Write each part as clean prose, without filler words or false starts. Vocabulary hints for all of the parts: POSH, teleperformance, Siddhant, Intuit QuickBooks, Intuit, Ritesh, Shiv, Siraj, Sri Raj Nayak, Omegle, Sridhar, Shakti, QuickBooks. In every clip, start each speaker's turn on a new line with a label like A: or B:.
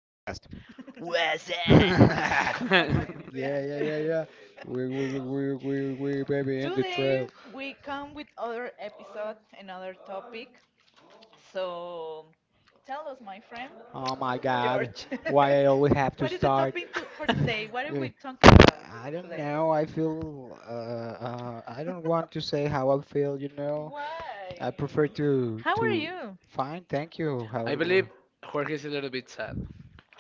A: What's up?
B: My friends, yeah, yeah, yeah, yeah, okay. yeah. We, baby, in the Today trail. We come with other episode, another topic. So Tell us, my friend, Oh my God, George. why I always have to What is the start? Topic to, for today? What are we talking about I don't today? Know. I feel I don't want to say how I feel, you know. I prefer Why? To How are to you? Fine, thank you. How
A: I believe Jorge is a little bit sad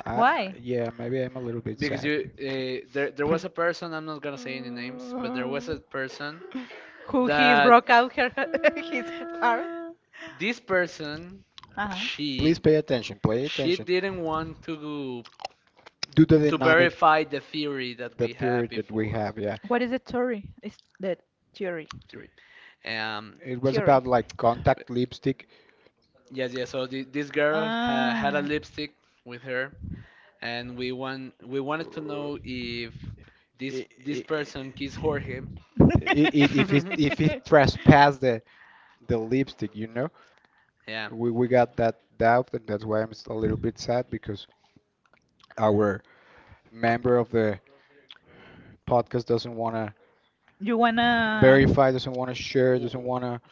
B: Why? Yeah, maybe I'm a little bit
A: because
B: sad.
A: you there there was a person. I'm not gonna say any names, but there was a person that
B: out her, his heart?
A: this person she
B: pay attention, please.
A: she didn't want to
B: Do the
A: verify the theory that we had
B: theory that we
A: before
B: have. Yeah, What is the theory? Is the theory?
A: theory. Um,
B: It was Theory. About like contact lipstick.
A: Yes, yes. So this girl had a lipstick with her, and we wanted to know if this
B: I-
A: this
B: i-
A: person kissed Jorge.
B: i- If it if it trespassed the lipstick, you know,
A: Yeah.
B: we got that doubt, and that's why a little bit sad because our member of the podcast doesn't wanna You wanna verify, doesn't wanna share, doesn't
A: W-
B: wanna.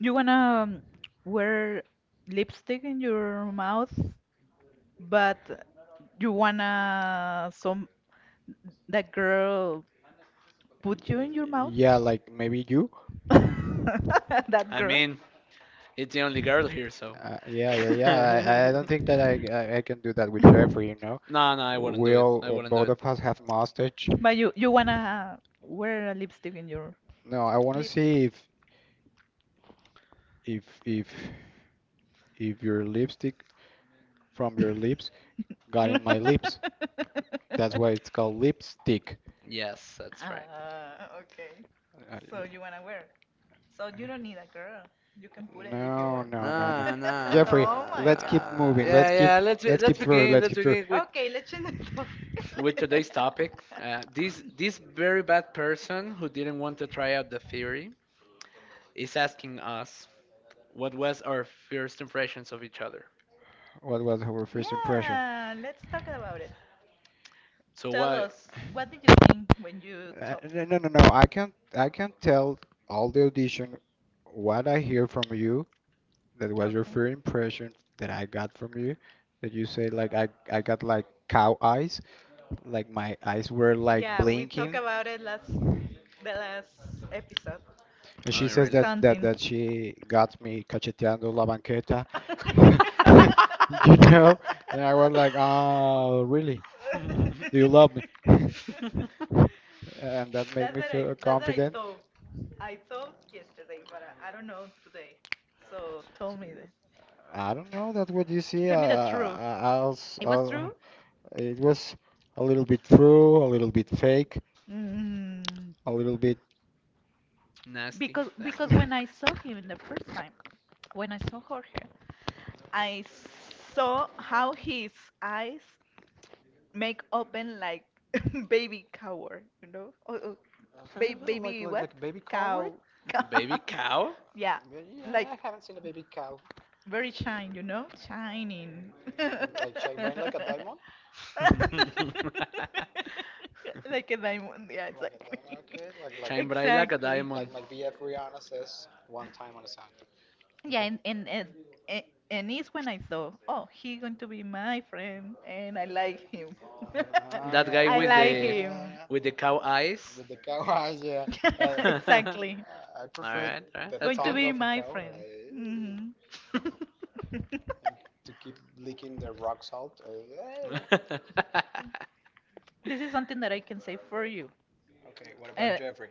B: You wanna wear lipstick in your mouth, but You wanna some that girl put you in your mouth? Yeah, like maybe you. That
A: I mean, it's the only girl here, so.
B: Yeah, yeah, yeah. I
A: No,
B: don't think that I can do that with Trevor, you know.
A: no, I wouldn't do it. I wouldn't do
B: Both
A: it.
B: of us have mustache. But you wanna wear a lipstick in your No, I want to lip? See if if if your lipstick from your lips got in my lips. That's why it's called lipstick.
A: Yes, that's right.
B: Ah, okay. So you wanna wear? So you don't need a girl. You can put it if you No, want. No, no, no.
A: Nah, nah,
B: Jeffrey, oh my let's keep
A: nah. Yeah, yeah. Let's begin. Let's
B: god.
A: begin with
B: Okay, let's change the
A: today's
B: topic.
A: topic. This very bad person who didn't want to try out the theory is asking us what was our first impressions of each other.
B: What was our first impression? Yeah, let's talk about it.
A: So what?
B: Us, what did you think when you saw? No, no, no. no, I can't tell all the audition what I hear from you. That was your Okay. first impression that I got from you. That you say like I got like cow eyes. Like my eyes were like Yeah, we talked blinking. About it last the last episode. And she
A: Oh,
B: says that
A: really?
B: that Something. That she got me cacheteando la banqueta. You know? And I was like, "Oh, really? Do you love me?" And that made That's me what I feel that's what I confident. Thought. I thought yesterday, but I don't know today. So tell me this. I don't know that what you see. Tell me the truth. I'll, It was I'll, true? It was a little bit true, a little bit fake, Mm, a little bit.
A: Nasty.
B: because when I saw him in the first time, when I saw Jorge, I saw how his eyes make open like baby coward, you know? Oh, oh, Okay, ba well, like baby like what? Like baby coward? Cow.
A: A baby cow?
B: Yeah, But yeah, like I like haven't seen a baby cow. Very shine, you know? Shining. Like shine bright like a diamond? like a diamond. Yeah, Like a exactly. diamond, okay, like like
A: Shine bright like a
B: exactly. like
A: diamond.
B: my BF Rihanna says one time on a song. Yeah, and, and it's when I thought, oh, he's going to be my friend, and I like him. Ah,
A: That guy
B: I like him.
A: with
B: yeah.
A: the cow eyes.
B: With the cow eyes, yeah.
A: All
B: Exactly. I prefer
A: right, all right,
B: the Going
A: that's
B: to thought
A: good.
B: be of a my cow friend. Eh, Mhm. and to keep licking the rock salt. Eh, yeah. This is something that I can say for you. Okay, what about Jeffrey?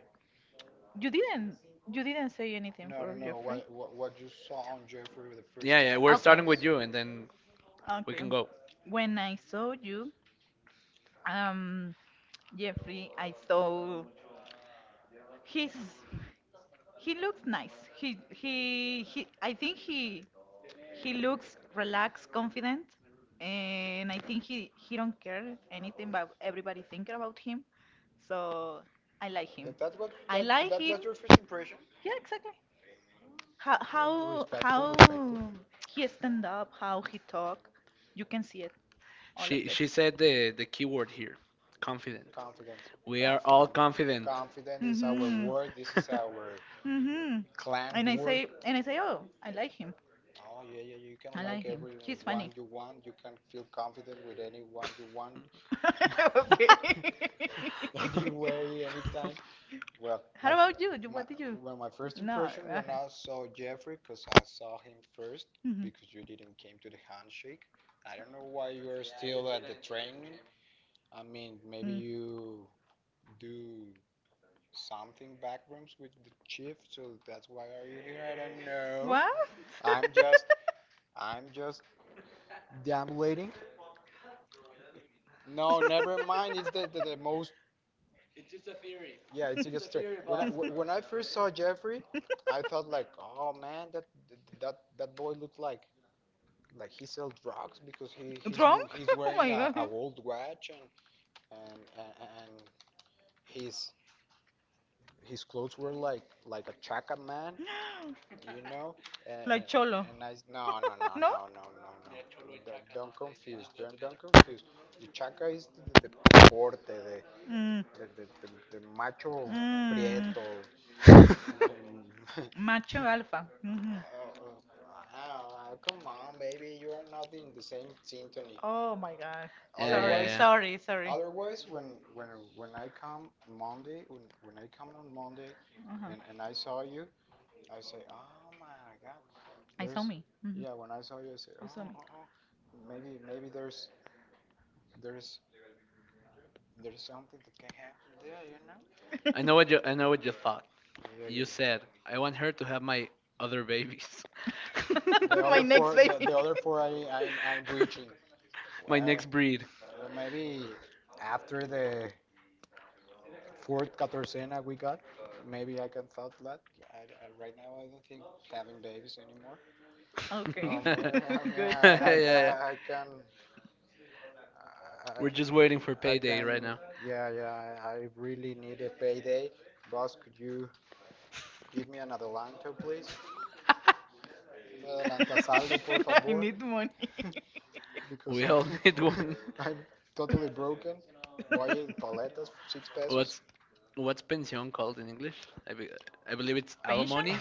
B: you didn't you didn't say anything No, no, for no. Jeffrey. What you saw on Jeffrey
A: Yeah, yeah,
B: the
A: we're
B: Okay,
A: starting with you, and then
B: met
A: we
B: okay.
A: can go.
B: When I saw you, um, Jeffrey, I saw he's he looks nice. He he. I think he looks relaxed, confident, and I think he don't care anything about everybody thinking about him. So I like him? Him. That was I that like that him. Was your first impression? Yeah, exactly. How Respectful, respectful. How he stand up, how he talk, you can see it,
A: She said the keyword here, confident.
B: Confidence.
A: We are all confident.
B: Confident is our Mhm. word. This is
A: Yeah,
B: our Mhm. clan And I word. Say and I say, oh, I like him. Oh yeah, yeah. You can I like him. He's everyone funny. You want. You can feel confident with anyone you want, Okay. anyway, anytime. Well, How my- about you? Do- my- What did you? Well, my first No, impression when I saw Jeffrey, because I saw him first, Mhm. because you didn't came to the handshake. I don't know why. I mean, maybe Mm. you do something backrooms with the chief, so that's why are you here? I don't know. What? I'm just, I'm just deambulating. No, never mind. It's the most. Yeah, it's when I first saw Jeffrey, I thought like, oh man, that boy looked like he sells drugs because Drunk? he's Oh wearing my a God. Old watch and his his clothes were like a chaka man, you know. And, Like cholo. No no No? No. Don't conf- The chaka is the porte, the Mm, the macho mm, prieto, Mm. Macho alpha. Mhm. Oh, oh, oh, come on, baby, you are not in the same symphony. Oh my God. Sorry,
A: yeah,
B: Otherwise,
A: yeah.
B: sorry, sorry. Otherwise, when when I come Monday, when I come on Monday, Uh-huh. and I saw you, I say, oh my God, I saw there's, me. Mhm. yeah, when I saw you, I say, You saw oh, me. Oh, oh, maybe there's there's something that can happen there, you know?
A: I know what you thought.
B: Yeah, yeah.
A: You said I want her to have my other babies.
B: The next four, the, baby. The other four, I'm reaching.
A: My
B: Well,
A: next breed.
B: maybe after the fourth Catorcena we got, maybe I can thought that. I, I, right now, I don't think having babies anymore. Okay.
A: Yeah,
B: Yeah, I, mean, Good.
A: yeah.
B: I can. I,
A: We're just waiting for payday right now.
B: yeah, yeah, I really need a payday. Boss, could you give me an adelanto, please? Un adelanto saldo, por I favor, need money. because
A: We all
B: I'm,
A: need one.
B: I'm totally broken buying paletas for 6 pesos.
A: What's what's pension called in English? I, be, I believe it's
B: Pension?
A: alimony.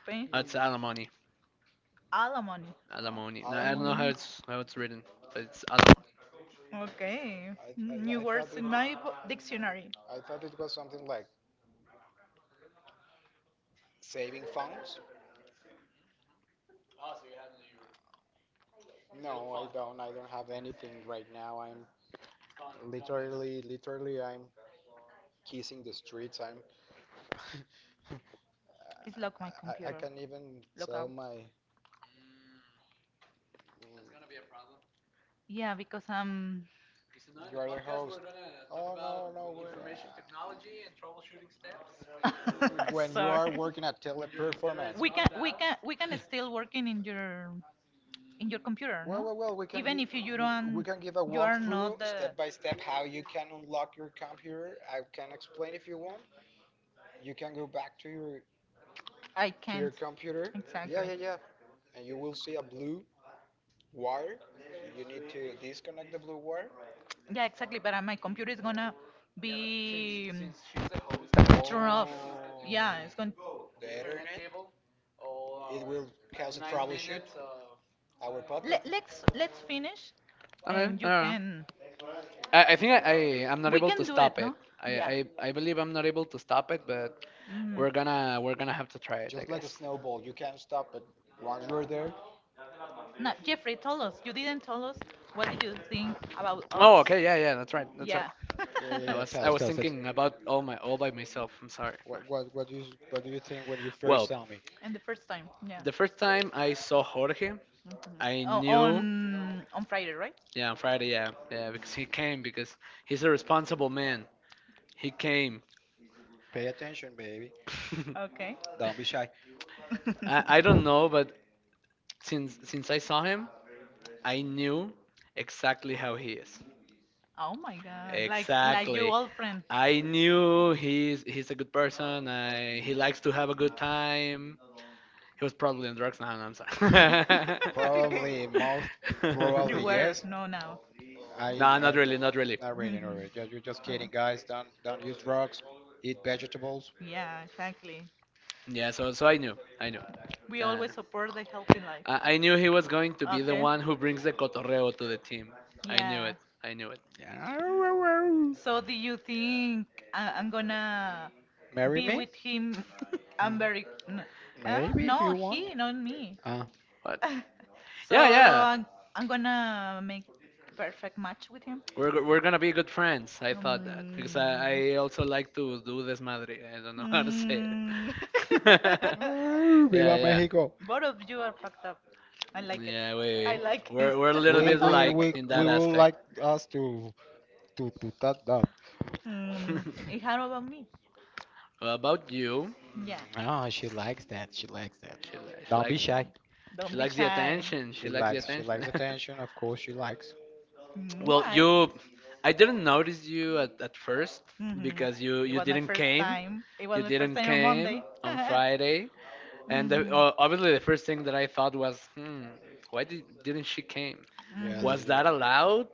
B: Pension?
A: It's alimony.
B: Alimony.
A: Alimony. No, I don't know how it's written, but it's alim.
B: Okay. New I thought words it, in dictionary. I thought it was something like saving funds. No, don't. I don't have anything right now. I'm really, literally, I'm kissing the streets. I'm. It's lock my I computer. Can even Lock sell out. My. Yeah, because I'm When you sorry. Are working at teleperformance. Can we can still working in your computer. Well, no? We can Even give, if you, you don't, we can give a you are not walkthrough not the- step by step how you can unlock your computer. I can explain if you want. You can go back to your I to your can't. Computer. Exactly. Yeah, yeah, Exactly. yeah. And you will see a blue wire. You need to disconnect the blue wire. Yeah, exactly. But my computer is gonna turned it's going. We'll catch our podcast. Let's finish,
A: I don't know. I
B: and
A: don't
B: you
A: know.
B: can.
A: I think I'm not able
B: Can
A: to
B: do it,
A: stop
B: no?
A: it.
B: Yeah.
A: I believe I'm not able to stop it, but
B: hmm
A: we're gonna have to try it,
B: Just
A: I
B: like a
A: guess.
B: snowball, you can't stop it. Once you're there, No, Jeffrey, tell us. You didn't tell us. What do you think about
A: Oh,
B: us?
A: okay, yeah, yeah, that's right, that's
B: Yeah.
A: right.
B: yeah, yeah, yeah. Tell us,
A: I
B: tell
A: was
B: us.
A: thinking about all by myself. I'm sorry.
B: What, what, what do you, what do you think when you first
A: Well,
B: saw me? And the first time. Yeah.
A: the first time I saw Jorge,
B: Mhm.
A: I knew.
B: On Friday, right?
A: Yeah, on Friday. Yeah, yeah, because he came because he's a responsible man. He came.
B: Pay attention, baby. Okay. Don't be shy.
A: I don't know, but since I saw him, I knew exactly how he is.
B: Oh my God. Like your
A: Exactly.
B: old friend.
A: I knew he's a good person. I, he likes to have a good time. He was probably on drugs. No, no, I'm sorry.
B: Probably most Probably You were, yes. no now. I
A: No, not really, not really.
B: I really know Mm. it. Just, you're just Oh. kidding, guys. Don't use drugs. Eat vegetables. Yeah, exactly.
A: Yeah, so so I knew, I knew.
B: We
A: Uh,
B: always support the healthy life.
A: I knew he was going to be the
B: Okay.
A: one who brings the cotorreo to the team. I knew
B: Yeah.
A: it, I knew it.
B: So do you think I I'm gonna Marry be me? With him? I'm Mm, very n Maybe if no, you want. He, not me. Ah.
A: But
B: So
A: yeah, yeah.
B: I'm gonna make perfect match with him.
A: We're gonna be good friends. I thought that because
B: Mm.
A: I also like to do desmadre. I don't know how to say it.
B: Mm. Arr, Viva
A: Yeah, yeah,
B: Mexico. Both of you are fucked up. I like it.
A: yeah.
B: I like it.
A: We're a little bit alike in
B: We
A: that
B: would like
A: aspect.
B: us to to that that. Mm. And how about me?
A: Well, about you,
B: Yeah. Mm, Oh, she likes that. She likes that.
A: she
B: Don't be
A: likes
B: shy. Don't be
A: the
B: shy.
A: attention. She likes the
B: She
A: attention.
B: likes attention. Of course, she likes. Mm,
A: Well, you, I didn't notice you at first because you didn't came.
B: It was
A: You didn't came on Friday, and obviously the first thing that I thought was, hmm, didn't she came? Was that allowed?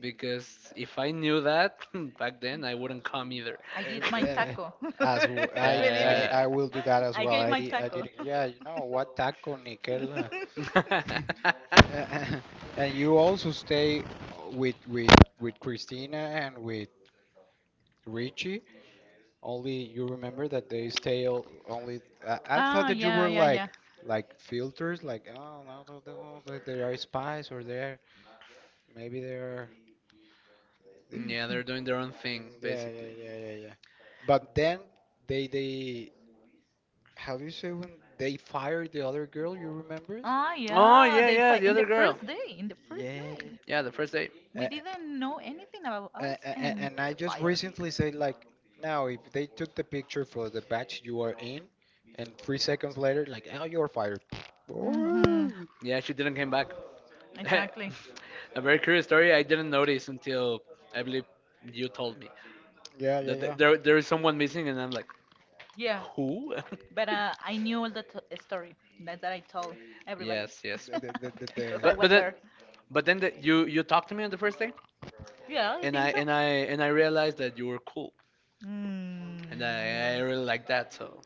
A: Because if I knew that back then, I wouldn't come either.
B: I did my yeah, taco. as
A: Yeah.
B: I, Believe I it. I will do that
A: Yeah,
B: as I well. Gave I my did I taco. Did. Yeah, you know what taco, Nickel. And you also stay with with Christina and with Richie. Only you remember that they stay all, only. I thought, that you were like filters, like oh no, they are spies or they're maybe they're. The-
A: yeah. They're
B: Mhm.
A: doing their own thing
B: Yeah,
A: basically.
B: yeah, yeah, yeah, yeah. But then they how do you say when they fired the other girl? You remember?
A: Oh yeah,
B: First
A: yeah, the other girl.
B: day, in the first, day.
A: Yeah, the first day.
B: We didn't know anything about us, and I just fired recently said like, now if they took the picture for the batch you are in, and 3 seconds later like, oh, you're fired. Mm-hmm. Ooh.
A: Yeah, she didn't came back.
B: Exactly.
A: A very curious story I didn't notice until I believe you told me
B: yeah
A: that th-
B: yeah yeah
A: there there is someone missing, and I'm like,
B: Yeah,
A: who?
B: but I knew all the t- story that I told everybody.
A: Yes, yes.
B: the,
A: But but then but then you you talked to me on the first day,
B: Yeah,
A: and I realized that you were cool,
B: Mm.
A: and I really like that. So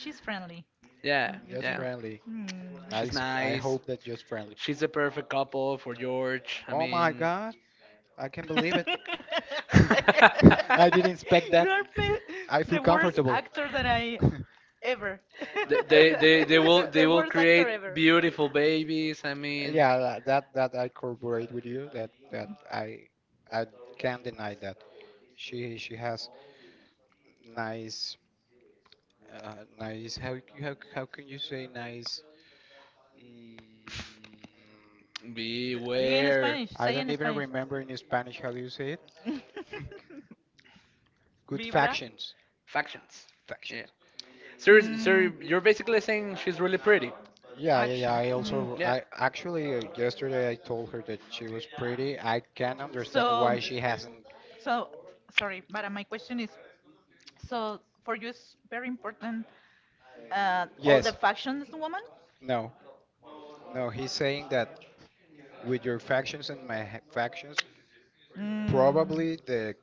B: She's friendly.
A: yeah,
B: Mm, you just think
A: yeah.
B: friendly? Mm.
A: She's nice.
B: That just friendly.
A: She's the perfect couple for George. I
B: Oh my
A: mean.
B: god, I can not believe it. I didn't expect that. You are be- I feel the worst comfortable actor that I ever.
A: They will they will create beautiful babies. I mean,
B: Yeah, tha- that I corroborate with you. That I can't deny that. She has nice nice, how c- how can you say nice? Mm, Di en
A: beware.
B: Spanish. I Say don't in even Spanish. remember in Spanish how do you say it. Good Vibra. Factions.
A: Factions. Yeah.
B: Factions.
A: Sir, sir, you're basically saying she's really pretty.
B: Yeah, yeah, yeah. Action. I Mm. also,
A: Yeah.
B: I actually yesterday I told her that she was pretty. I can understand so why she hasn't. So, sorry, but my question is, so for you it's very important all the, Yes, factions woman? No, no. He's saying that with your factions and my ha- factions, probably the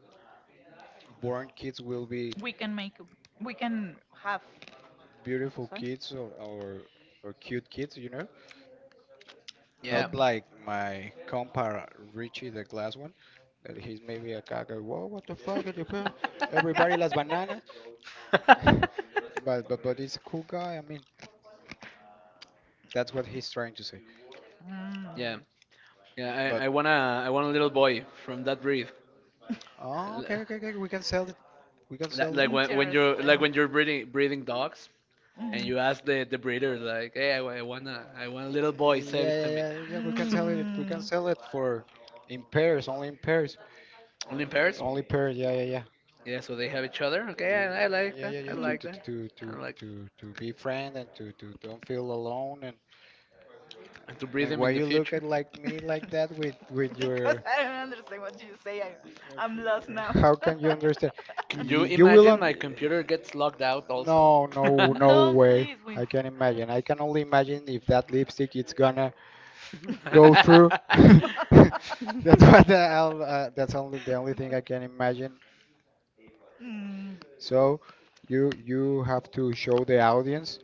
B: born kids will be. We can make, we can have beautiful, Sorry? kids, or cute kids, you know,
A: Yeah.
B: not like my compa Richie, the glass one, that he's maybe a caca. Whoa, what the fuck are you put- Everybody las bananas. But he's a cool guy. I mean, that's what he's trying to say. Mm.
A: Yeah. Yeah. I want to I want a little boy from that breed.
B: Oh, okay, okay, okay. We can sell it. We can sell,
A: Like when you're like when you're breeding dogs and you ask the breeder like, hey, I want a little boy.
B: Yeah,
A: Save it to
B: yeah,
A: me.
B: yeah, yeah. We can sell it. We can, Mm. sell it for in pairs.
A: Only in pairs.
B: Only pair, yeah, yeah, yeah,
A: Yeah. So they have each other. Okay.
B: yeah,
A: I like
B: yeah,
A: that.
B: yeah,
A: I
B: yeah, to
A: like
B: to
A: that.
B: to
A: I
B: to
A: like
B: to to be friend and to don't feel alone,
A: to breed
B: and
A: them
B: why
A: in the.
B: you look at like me like that with Because your, I don't understand what you say. I, I'm lost now. How can you understand?
A: Can you
B: You will
A: imagine
B: un
A: my computer gets locked out also?
B: no no, No, way. Please, we. I can imagine. I can only imagine if that lipstick it's gonna go through. That's what the, I'll, that's only the only thing I can imagine. Mm. So you have to show the audience.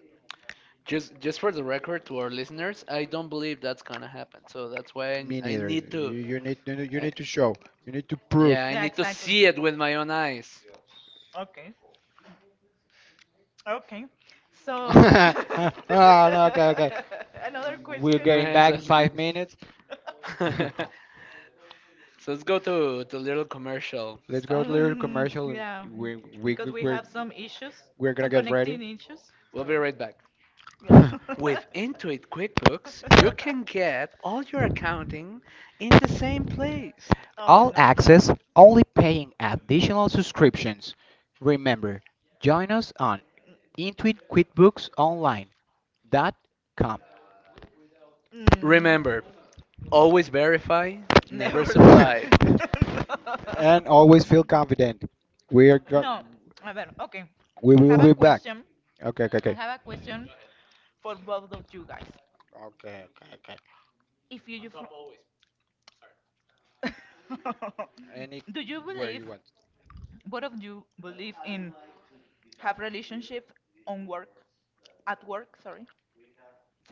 A: Just for the record to our listeners, I don't believe that's gonna happen. So that's why
B: Me
A: I
B: neither.
A: need
B: You,
A: to,
B: you need to show. You need to prove.
A: yeah, I need to see it with my own eyes.
B: Okay. Okay. So, oh, no, okay, okay. Another, We're question. Getting back
A: Yeah,
B: in 5 minutes.
A: so, so let's go to the little commercial.
B: Let's go to little, Mm, commercial, and yeah, we because we're have some issues, we're gonna some get ready. Connecting issues.
A: We'll be right back.
B: Yeah.
A: With Intuit QuickBooks, you can get all your accounting in the same place.
B: Oh, all no. access, only paying additional subscriptions. Remember, join us on intuitquitbooksonline.com. Mm,
A: Remember, always verify, never
B: never try.
A: supply.
B: no. And always feel confident. We are go- No. A ver, okay. We, I will have a be back. Question. Okay, okay, I okay. have a question for both of you guys. Okay, okay, okay. If you, you fr- Anywhere do you, you believe, you want. Both of you believe in have relationship on work, at work, sorry.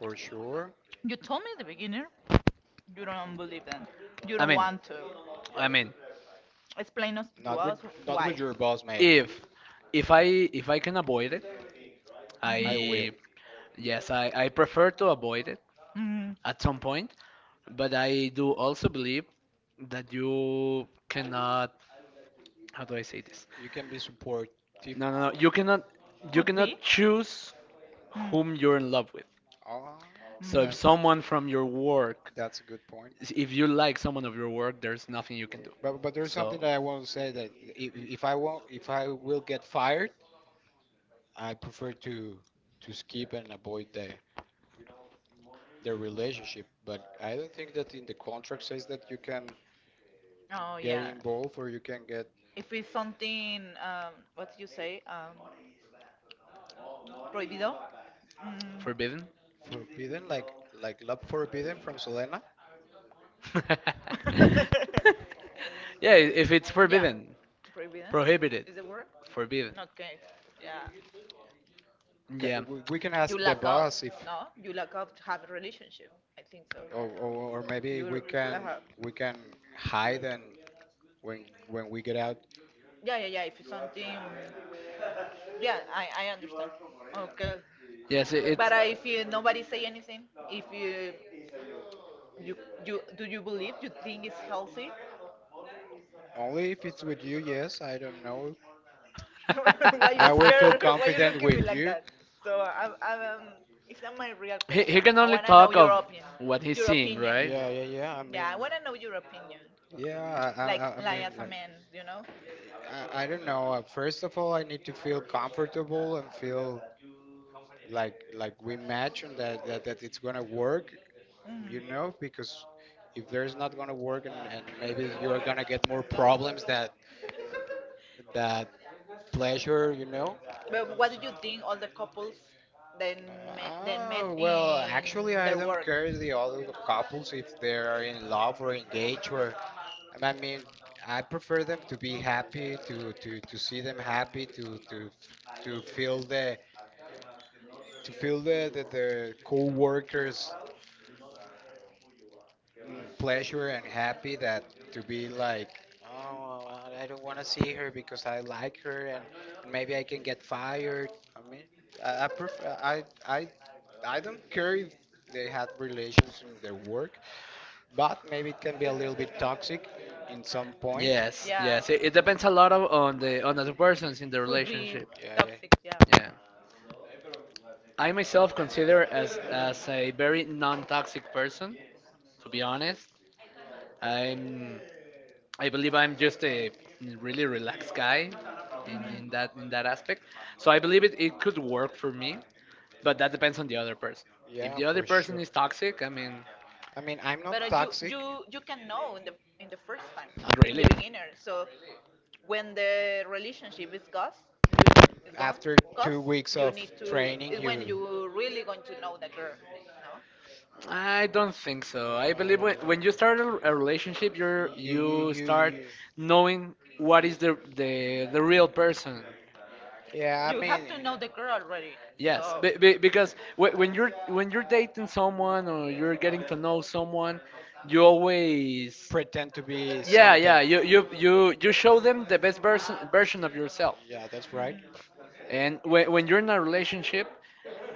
B: For sure. You told me at the beginning you don't believe them, you
A: I
B: don't
A: mean,
B: want to
A: I mean,
B: explain us to Not with us not with why your boss, mate.
A: if if I can avoid it,
B: Mhm. I will.
A: I, yes, I prefer to avoid it
B: Mm,
A: at some point, but I do also believe that you cannot, how do I say this?
B: You can be supportive.
A: No, no, no. You cannot, choose whom you're in love with.
B: Ah,
A: So if someone from your work,
B: that's a good point.
A: if you like someone of your work, there's nothing you can do.
B: But there's something
A: So
B: that I want to say that, if I won't if I will get fired, I prefer to skip and avoid the relationship. But I don't think that in the contract says that you can, Oh get yeah. involved or you can get, if it's something, what do you say? Prohibido. Mm.
A: forbidden?
B: Forbidden, like love forbidden from Selena.
A: Yeah, if it's
B: Yeah,
A: forbidden,
B: prohibido
A: prohibited,
B: is the word.
A: forbidden.
B: Okay. Yeah. Ca
A: Yeah.
B: we can ask You the lack of boss if no. You lack of to have a relationship. I think so. Or, or maybe You, we can hide, and when we get out yeah yeah yeah. If it's something, Yeah, I understand. Okay,
A: Yes,
B: but
A: it's.
B: uh, if you nobody say anything, if you, you you do you believe you think it's healthy? Only if it's with you, yes. I don't know. Why you, I will feel scared? Why you confident look at me with like you. That? So I'm, I'm it's not my real
A: he,
B: question.
A: he can
B: I
A: only
B: wanna know
A: talk
B: your
A: of
B: opinion.
A: what he's
B: Your
A: seeing,
B: opinion.
A: right?
B: Yeah, yeah, yeah. I mean, Yeah, I wanna know your opinion. Yeah. Like, I mean, as a like, man, you know? I don't know. First of all, I need to feel comfortable and feel like we imagine that that it's gonna work, you, Mm. know because if there's not gonna work and maybe you're gonna get more problems that that pleasure, you know. But what do you think all the couples then then met Oh, well, actually, in I their don't work? Care the other couples if they are in love or engaged, or, I mean, I prefer them to be happy, to see them happy, to to feel the to feel the co-workers mm, pleasure and happy, that to be like, oh I don't want to see her because I like her, and maybe I can get fired, I mean, I prefer I don't care if they had relations in their work, but maybe it can be a little bit toxic in some point.
A: Yes, yes. It depends a lot of, on the persons in the
B: Yeah
A: relationship.
B: yeah toxic, yeah.
A: Yeah. I myself consider as a very non-toxic person. To be honest, I'm I believe I'm just a really relaxed guy
B: hmm
A: in that aspect. So I believe it, it could work for me, but that depends on the other person. If
B: Yeah,
A: the other person is toxic, I mean,
B: I mean, I'm not, But you, toxic. you can know in the first time,
A: not
B: in the
A: really.
B: beginner. So when the relationship is gone, you need is gone, After gone, 2 weeks you of need to training, is when you really going to know the girl, no?
A: I don't think so. I believe when you start a relationship, you start knowing what is the real person.
B: Yeah, I You mean, have mean, to know the girl already. So
A: Because when you're dating someone or you're getting to know someone, you always,
B: pretend to be.
A: yeah, you show them the best version of yourself,
B: Yeah, that's right.
A: and when you're in a relationship,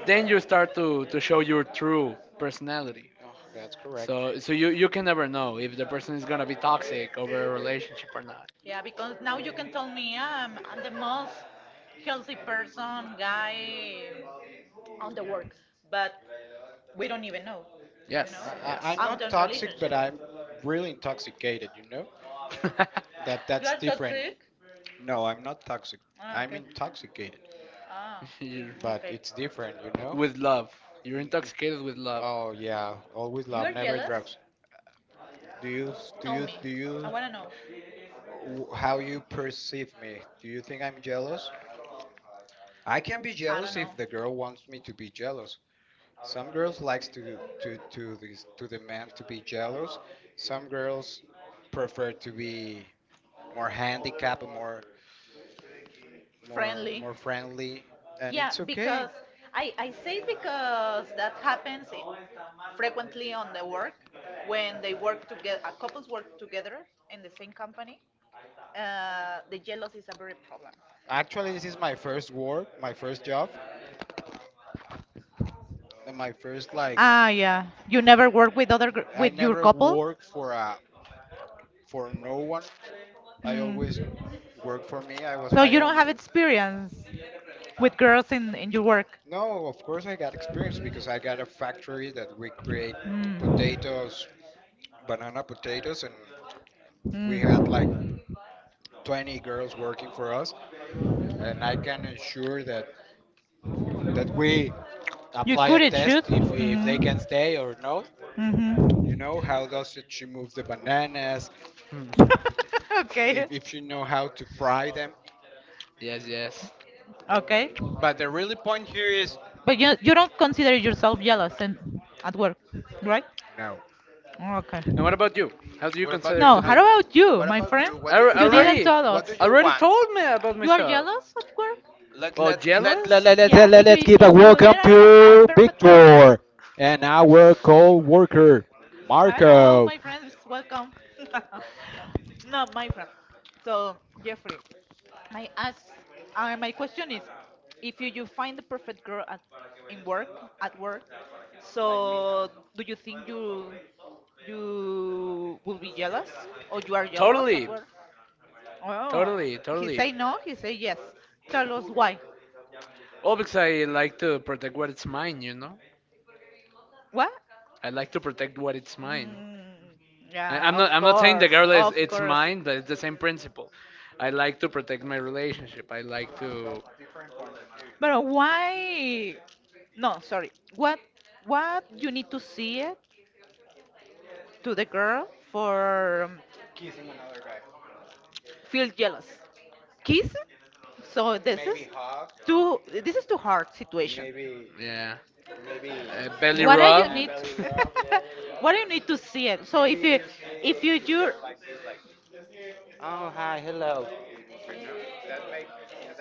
A: then you start to show your true personality.
B: Oh, that's correct.
A: So you can never know if the person is gonna be toxic over a relationship or not.
B: Yeah, because now you can tell me I'm the most healthy person guy on the work, but we don't even know, you know,
A: Yes,
B: I- I'm
A: yes.
B: not after toxic, but relationship. I'm really intoxicated, you know? That You that's are different. Toxic? No, I'm not toxic. Ah, I'm okay. intoxicated, Ah,
A: You're,
B: but okay. it's different, you know?
A: with love. You're
B: N- n-
A: intoxicated with love.
B: Oh yeah, always You love, are never jealous? Drugs. Do you s- do Tell you me. Do I you wanna know. W- how you perceive me? Do you think I'm jealous? I can be I don't jealous know. If the girl wants me to be jealous. Some girls likes to this to the man to be jealous. Some girls prefer to be more handicapped, more more friendly. More friendly, and Yeah, it's okay. because I say it because that happens I- frequently on the work when they work together, couples work together in the same company. The jealousy is a very problem. Actually, this is my first work, my first job, and my first like, Ah, yeah. You never work with other gr- I with your never couple. Worked for a for no one. I, Mm. always work for me. I was, So my you don't own. Have experience. With girls in your work? No, of course I got experience because I got a factory that we create, Mm. potatoes, banana potatoes, and we had like, Mm. 20 girls working for us. And I can ensure that that we You apply a couldn't test shoot? If they Mm. can stay or no. Mm-hmm. You hmm know how does it she move the bananas? If, okay. if she know how to fry them,
A: Yes, yes.
B: okay. But the really point here is, But you don't consider yourself jealous and at work, right? No. Okay.
A: And what
B: What
A: about you? How do you
B: about you?
A: consider?
B: No,
A: To,
B: how about you, what my about friend? You? What
A: I
B: do you You like? Didn't tell What do us. You
A: already
B: want?
A: told me about
B: You are
A: myself.
B: jealous at work?
A: Oh,
B: Let, let,
A: jealous?
B: let, let, Yeah, let, if us give a if you welcome were a, to perfect match. Victor and our co-worker, Hello, Marco. My friends, welcome. No, my friend. So Jeffrey, I ask, my question is, if you find the perfect girl in work, at work, so do you think you will be jealous or you are jealous at
A: Totally,
B: work? Oh, he
A: totally.
B: say no, he say yes. Tell us why.
A: Well, because I like to protect what it's mine, you know.
B: What?
A: I like to protect what it's mine.
B: Mm,
A: I,
B: yeah,
A: I'm
B: of
A: not. I'm not saying the
B: course,
A: girl is.
B: of
A: It's
B: course.
A: mine, but it's the same principle. I like to protect my relationship. I like to,
B: But why? No, sorry. What? What you need to see it to the girl for feel jealous. Kiss. So this is too hard situation.
A: yeah, belly
B: What do
A: rub.
B: you need? what do you need to see it? So if you you Oh, hi, hello.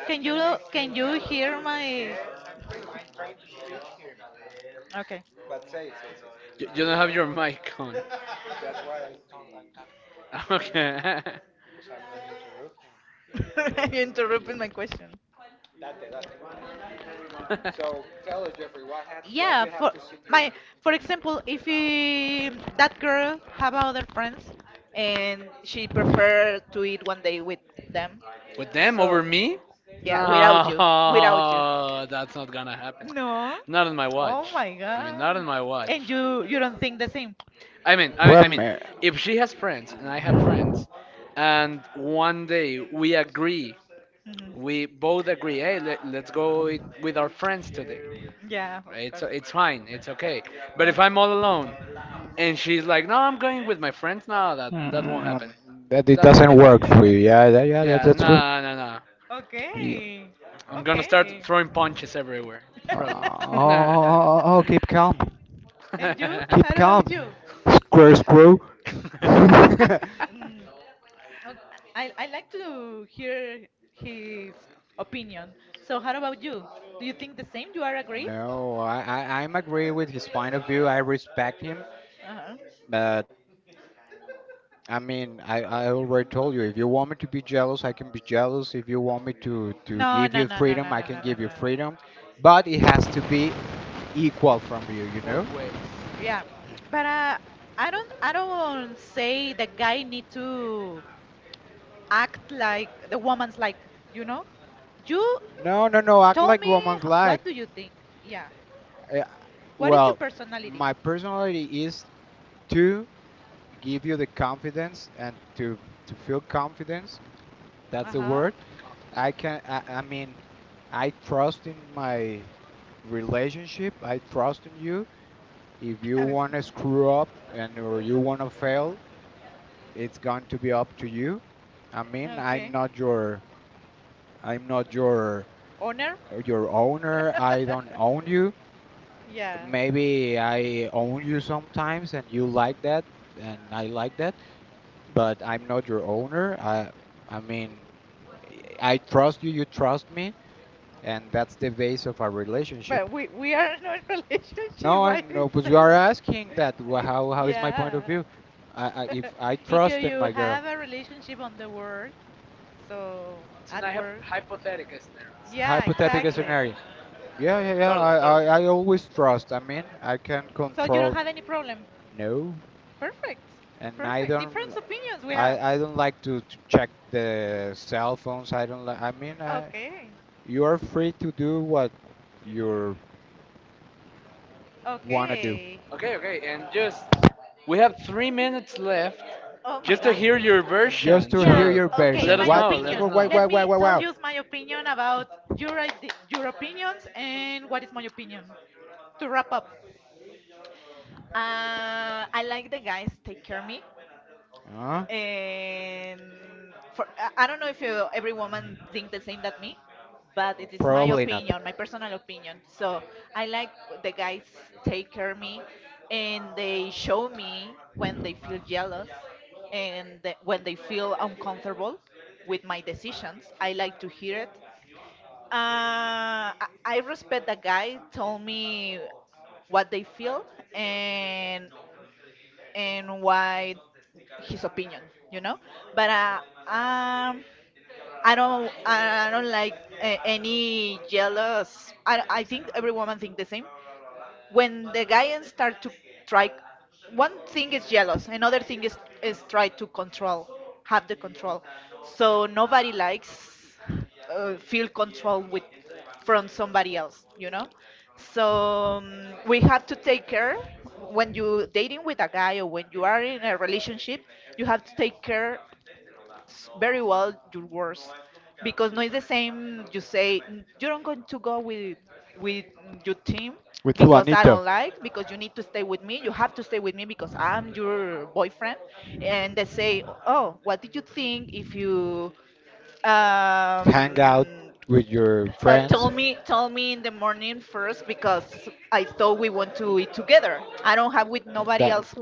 B: can you can you hear my, okay.
A: You don't have your mic on. Okay.
B: You interrupted my question.
A: So
B: So tell us, Jeffrey, what happened? What, yeah, you have for to secure my, secure. For example, if you, that girl have other friends and she prefer to eat one day with them,
A: with them
B: so
A: over me?
B: yeah, without you, without you.
A: No, that's not gonna happen.
B: No.
A: Not on my
B: Oh
A: watch.
B: my
A: I mean, not
B: god.
A: on my watch.
B: And you don't think the same.
A: I mean,
B: Man.
A: if she has friends and I have friends, and one day we agree,
B: Mhm.
A: we both agree, hey, let's go with our friends today.
B: Yeah,
A: Right?
B: of
A: It's fine, it's okay. But if I'm all alone
B: course.
A: and she's like, no, I'm going with my friends, no, that that won't happen.
B: Mm, that it doesn't work for you. Yeah, yeah, yeah,
A: Yeah,
B: that's true. You.
A: no, no, no.
B: Okay.
A: I'm gonna start
B: Okay.
A: throwing punches everywhere, probably.
B: Oh, oh, keep calm. And you? Keep how about calm about you? Square screw. Yeah, mm, ok- I like to hear his opinion. So how about you? Do you think the same? You are agree? No, I'm agree with his point of view. I respect him. Uh-huh. I mean, I already told you, if you want me to be jealous, I can be jealous. If you want me to no, give no, you no, no, freedom, no, I no, can no, no, give you no freedom. But it has to be equal from you, you know? Yeah, but I don't say the guy need to act like the woman's like, you know. You no, no, no, act told like me woman's h- like. What like. Do you think? Yeah. Uh, What is your, well, personality? My personality is to give you the confidence and to feel confidence. That's the, ajá, word. I can. I mean, I trust in my relationship. I trust in you. If you okay, want to screw up and or you want to fail, it's going to be up to you. I mean, I'm okay, not your. I'm not your, honor? Your owner. I don't own you. Yeah. Maybe I own you sometimes and you like that and I like that, but I'm not your owner. I mean, I trust you, you trust me. And that's the base of our, but, relationship. We are not in a relationship. No, I why you no, but you are asking that. How is my point of, yeah, view? I if I, because, trusted you my girl, have a relationship on the work, so
A: So
B: at
A: now I have
B: work.
A: hypothetical
B: Yeah,
A: scenarios.
B: hypothetical, exactly, scenario. Yeah, yeah, yeah.
A: Totally,
B: I,
A: totally.
B: I, I always trust. I mean, I can, so you don't control, have any problem? No, perfect, and I, perfect, don't. Different opinions we have. I don't like to check the cell phones. I don't like. I mean, I, okay, you are free to do what you wanna do. Okay.
A: Okay, okay, and just we have 3 minutes left
B: Oh my
A: just to
B: God.
A: hear your
B: Just
A: version.
B: to hear, yeah,
A: So
B: your, okay, version.
A: let
B: My,
A: us
B: what,
A: know, let
B: opinion.
A: us
B: Why?
A: know.
B: Let why? Let why? Me why? Tell why? You my opinion about your your opinions and what is my opinion. To wrap up, I like the guys take care of me. And for I don't know if you, every woman think the same that me, but it is my, probably not, opinion, my personal opinion. So I like the guys take care of me, and they show me when they feel jealous, and when they feel uncomfortable with my decisions. I like to hear it. I respect the guy told me what they feel, and and why his opinion, you know. But um, I don't like any jealous. I think every woman think the same, when the guy and start to try, one thing is jealous, another thing is try to control, have the control. So nobody likes, feel control with, from somebody else. So we have to take care when you dating with a guy or when you are in a relationship, you have to take care very well your words, because no, it's the same you say, "Mm, you don't going to go with with your team, with, because I, Juanito, don't like, because you need to stay with me, you have to stay with me because I'm your boyfriend." And they say, oh, what did you think if you hang out with your friends? tell me in the morning first, because I thought we want to eat together. I don't have with nobody, that else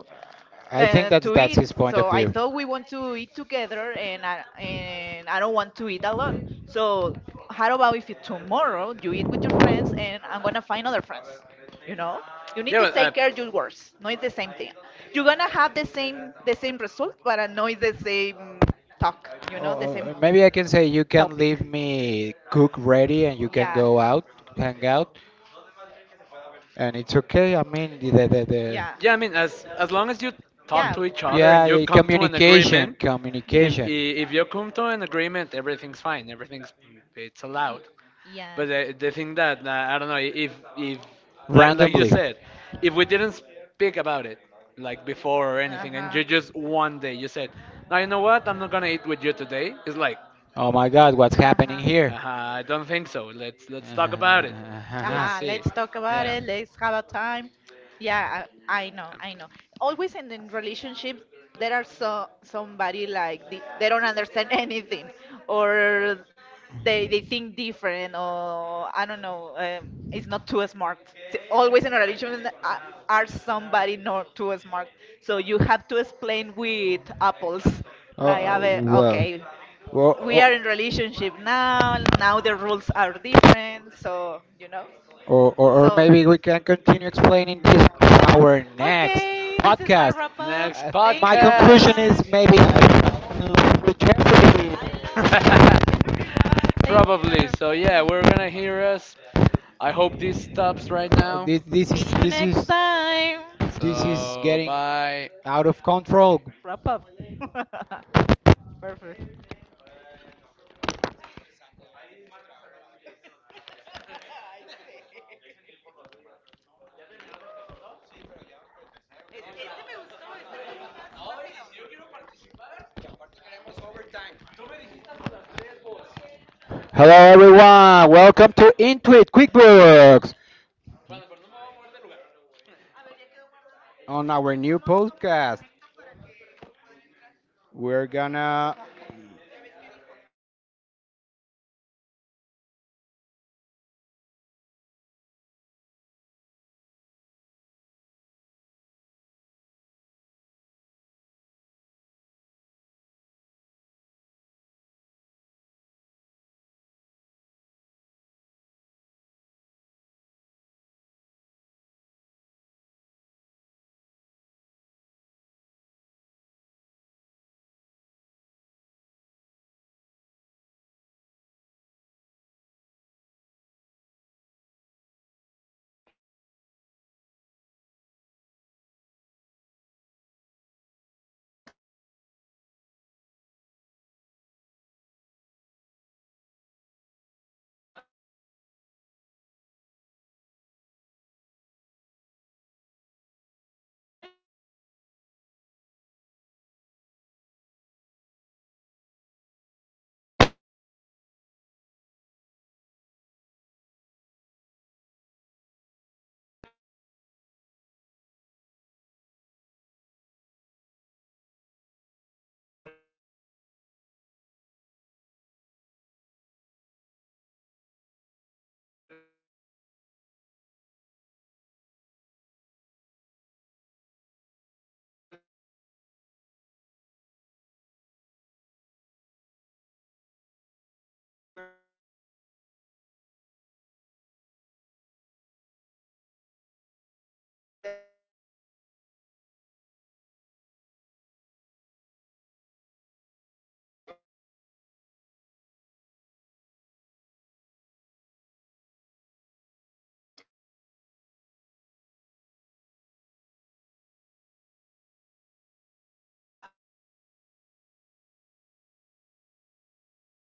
B: I think that to that's eat, his point, so of I view, thought we want to eat together, and I don't want to eat alone. So how about if you, tomorrow you eat with your friends, and I'm gonna find other friends? You know, you need
A: Yeah,
B: to
A: but,
B: take care of your words. No, it's the same thing. You're gonna have the same result, but no, it's the same talk. You know, the, oh, same, maybe I can say you can, topic, leave, topic, me cook ready and you can, yeah, go out, hang out, and it's okay. I mean, the the. yeah,
A: yeah. I mean, as long as you talk to each other and you
B: yeah,
A: come to an
B: communication,
A: agreement,
B: communication.
A: if you come to an agreement, everything's fine. Everything's it's allowed.
B: Yeah.
A: But the thing that I don't know if like like you
B: Randomly.
A: said, if we didn't speak about it like before or anything, and you just one day you said, now you know what, I'm not gonna eat with you today. It's like,
B: Oh my God, what's happening, uh-huh,
A: uh,
B: here?
A: I don't think so. Let's talk about it. Let's
B: Aha,
A: see.
B: let's talk about
A: Yeah.
B: it. Let's have a time. Yeah, I know. Always in relationships, there are so somebody like they don't understand anything, or they think different, or I don't know. It's not too smart. Always in a relationship, are somebody not too smart. So you have to explain with apples, like a, oh, bit, well, okay. Well, we are in relationship now. Now the rules are different, so. Or so maybe we can continue explaining this to our next, okay, this is our, podcast, wrap up.
A: Next
B: Thank my you so, conclusion,
A: podcast.
B: much is maybe I rejected. Take
A: Probably.
B: care.
A: So yeah, we're gonna hear us. I hope this stops right now.
B: This see is you this next is time. This is
A: So
B: getting
A: bye.
B: out of control. Wrap up. Perfect. Hello everyone, welcome to Intuit QuickBooks on our new podcast. We're gonna, I told you the blue wire. It's supposed to be like oh my god, what I'm seeing. Always verify, never supply. Okay, okay, let's go, let's go, let's keep going. Our boss is here. Let's make him proud. Hey. Oh, we're not connected, pero dime. O sea, ¿cómo que, qué nos gustaría? Que cague oro. Ay, ya, calma, calma. You can be independent. Sugar daddy. Son por eso sugar daddies, porque son dulces papis. Jeffrey, pon a co-host,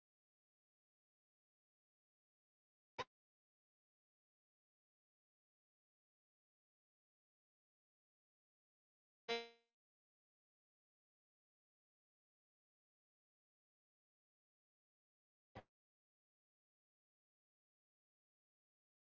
B: 60.000 kilohertz. Se me olvidó tu name, ya no te toco.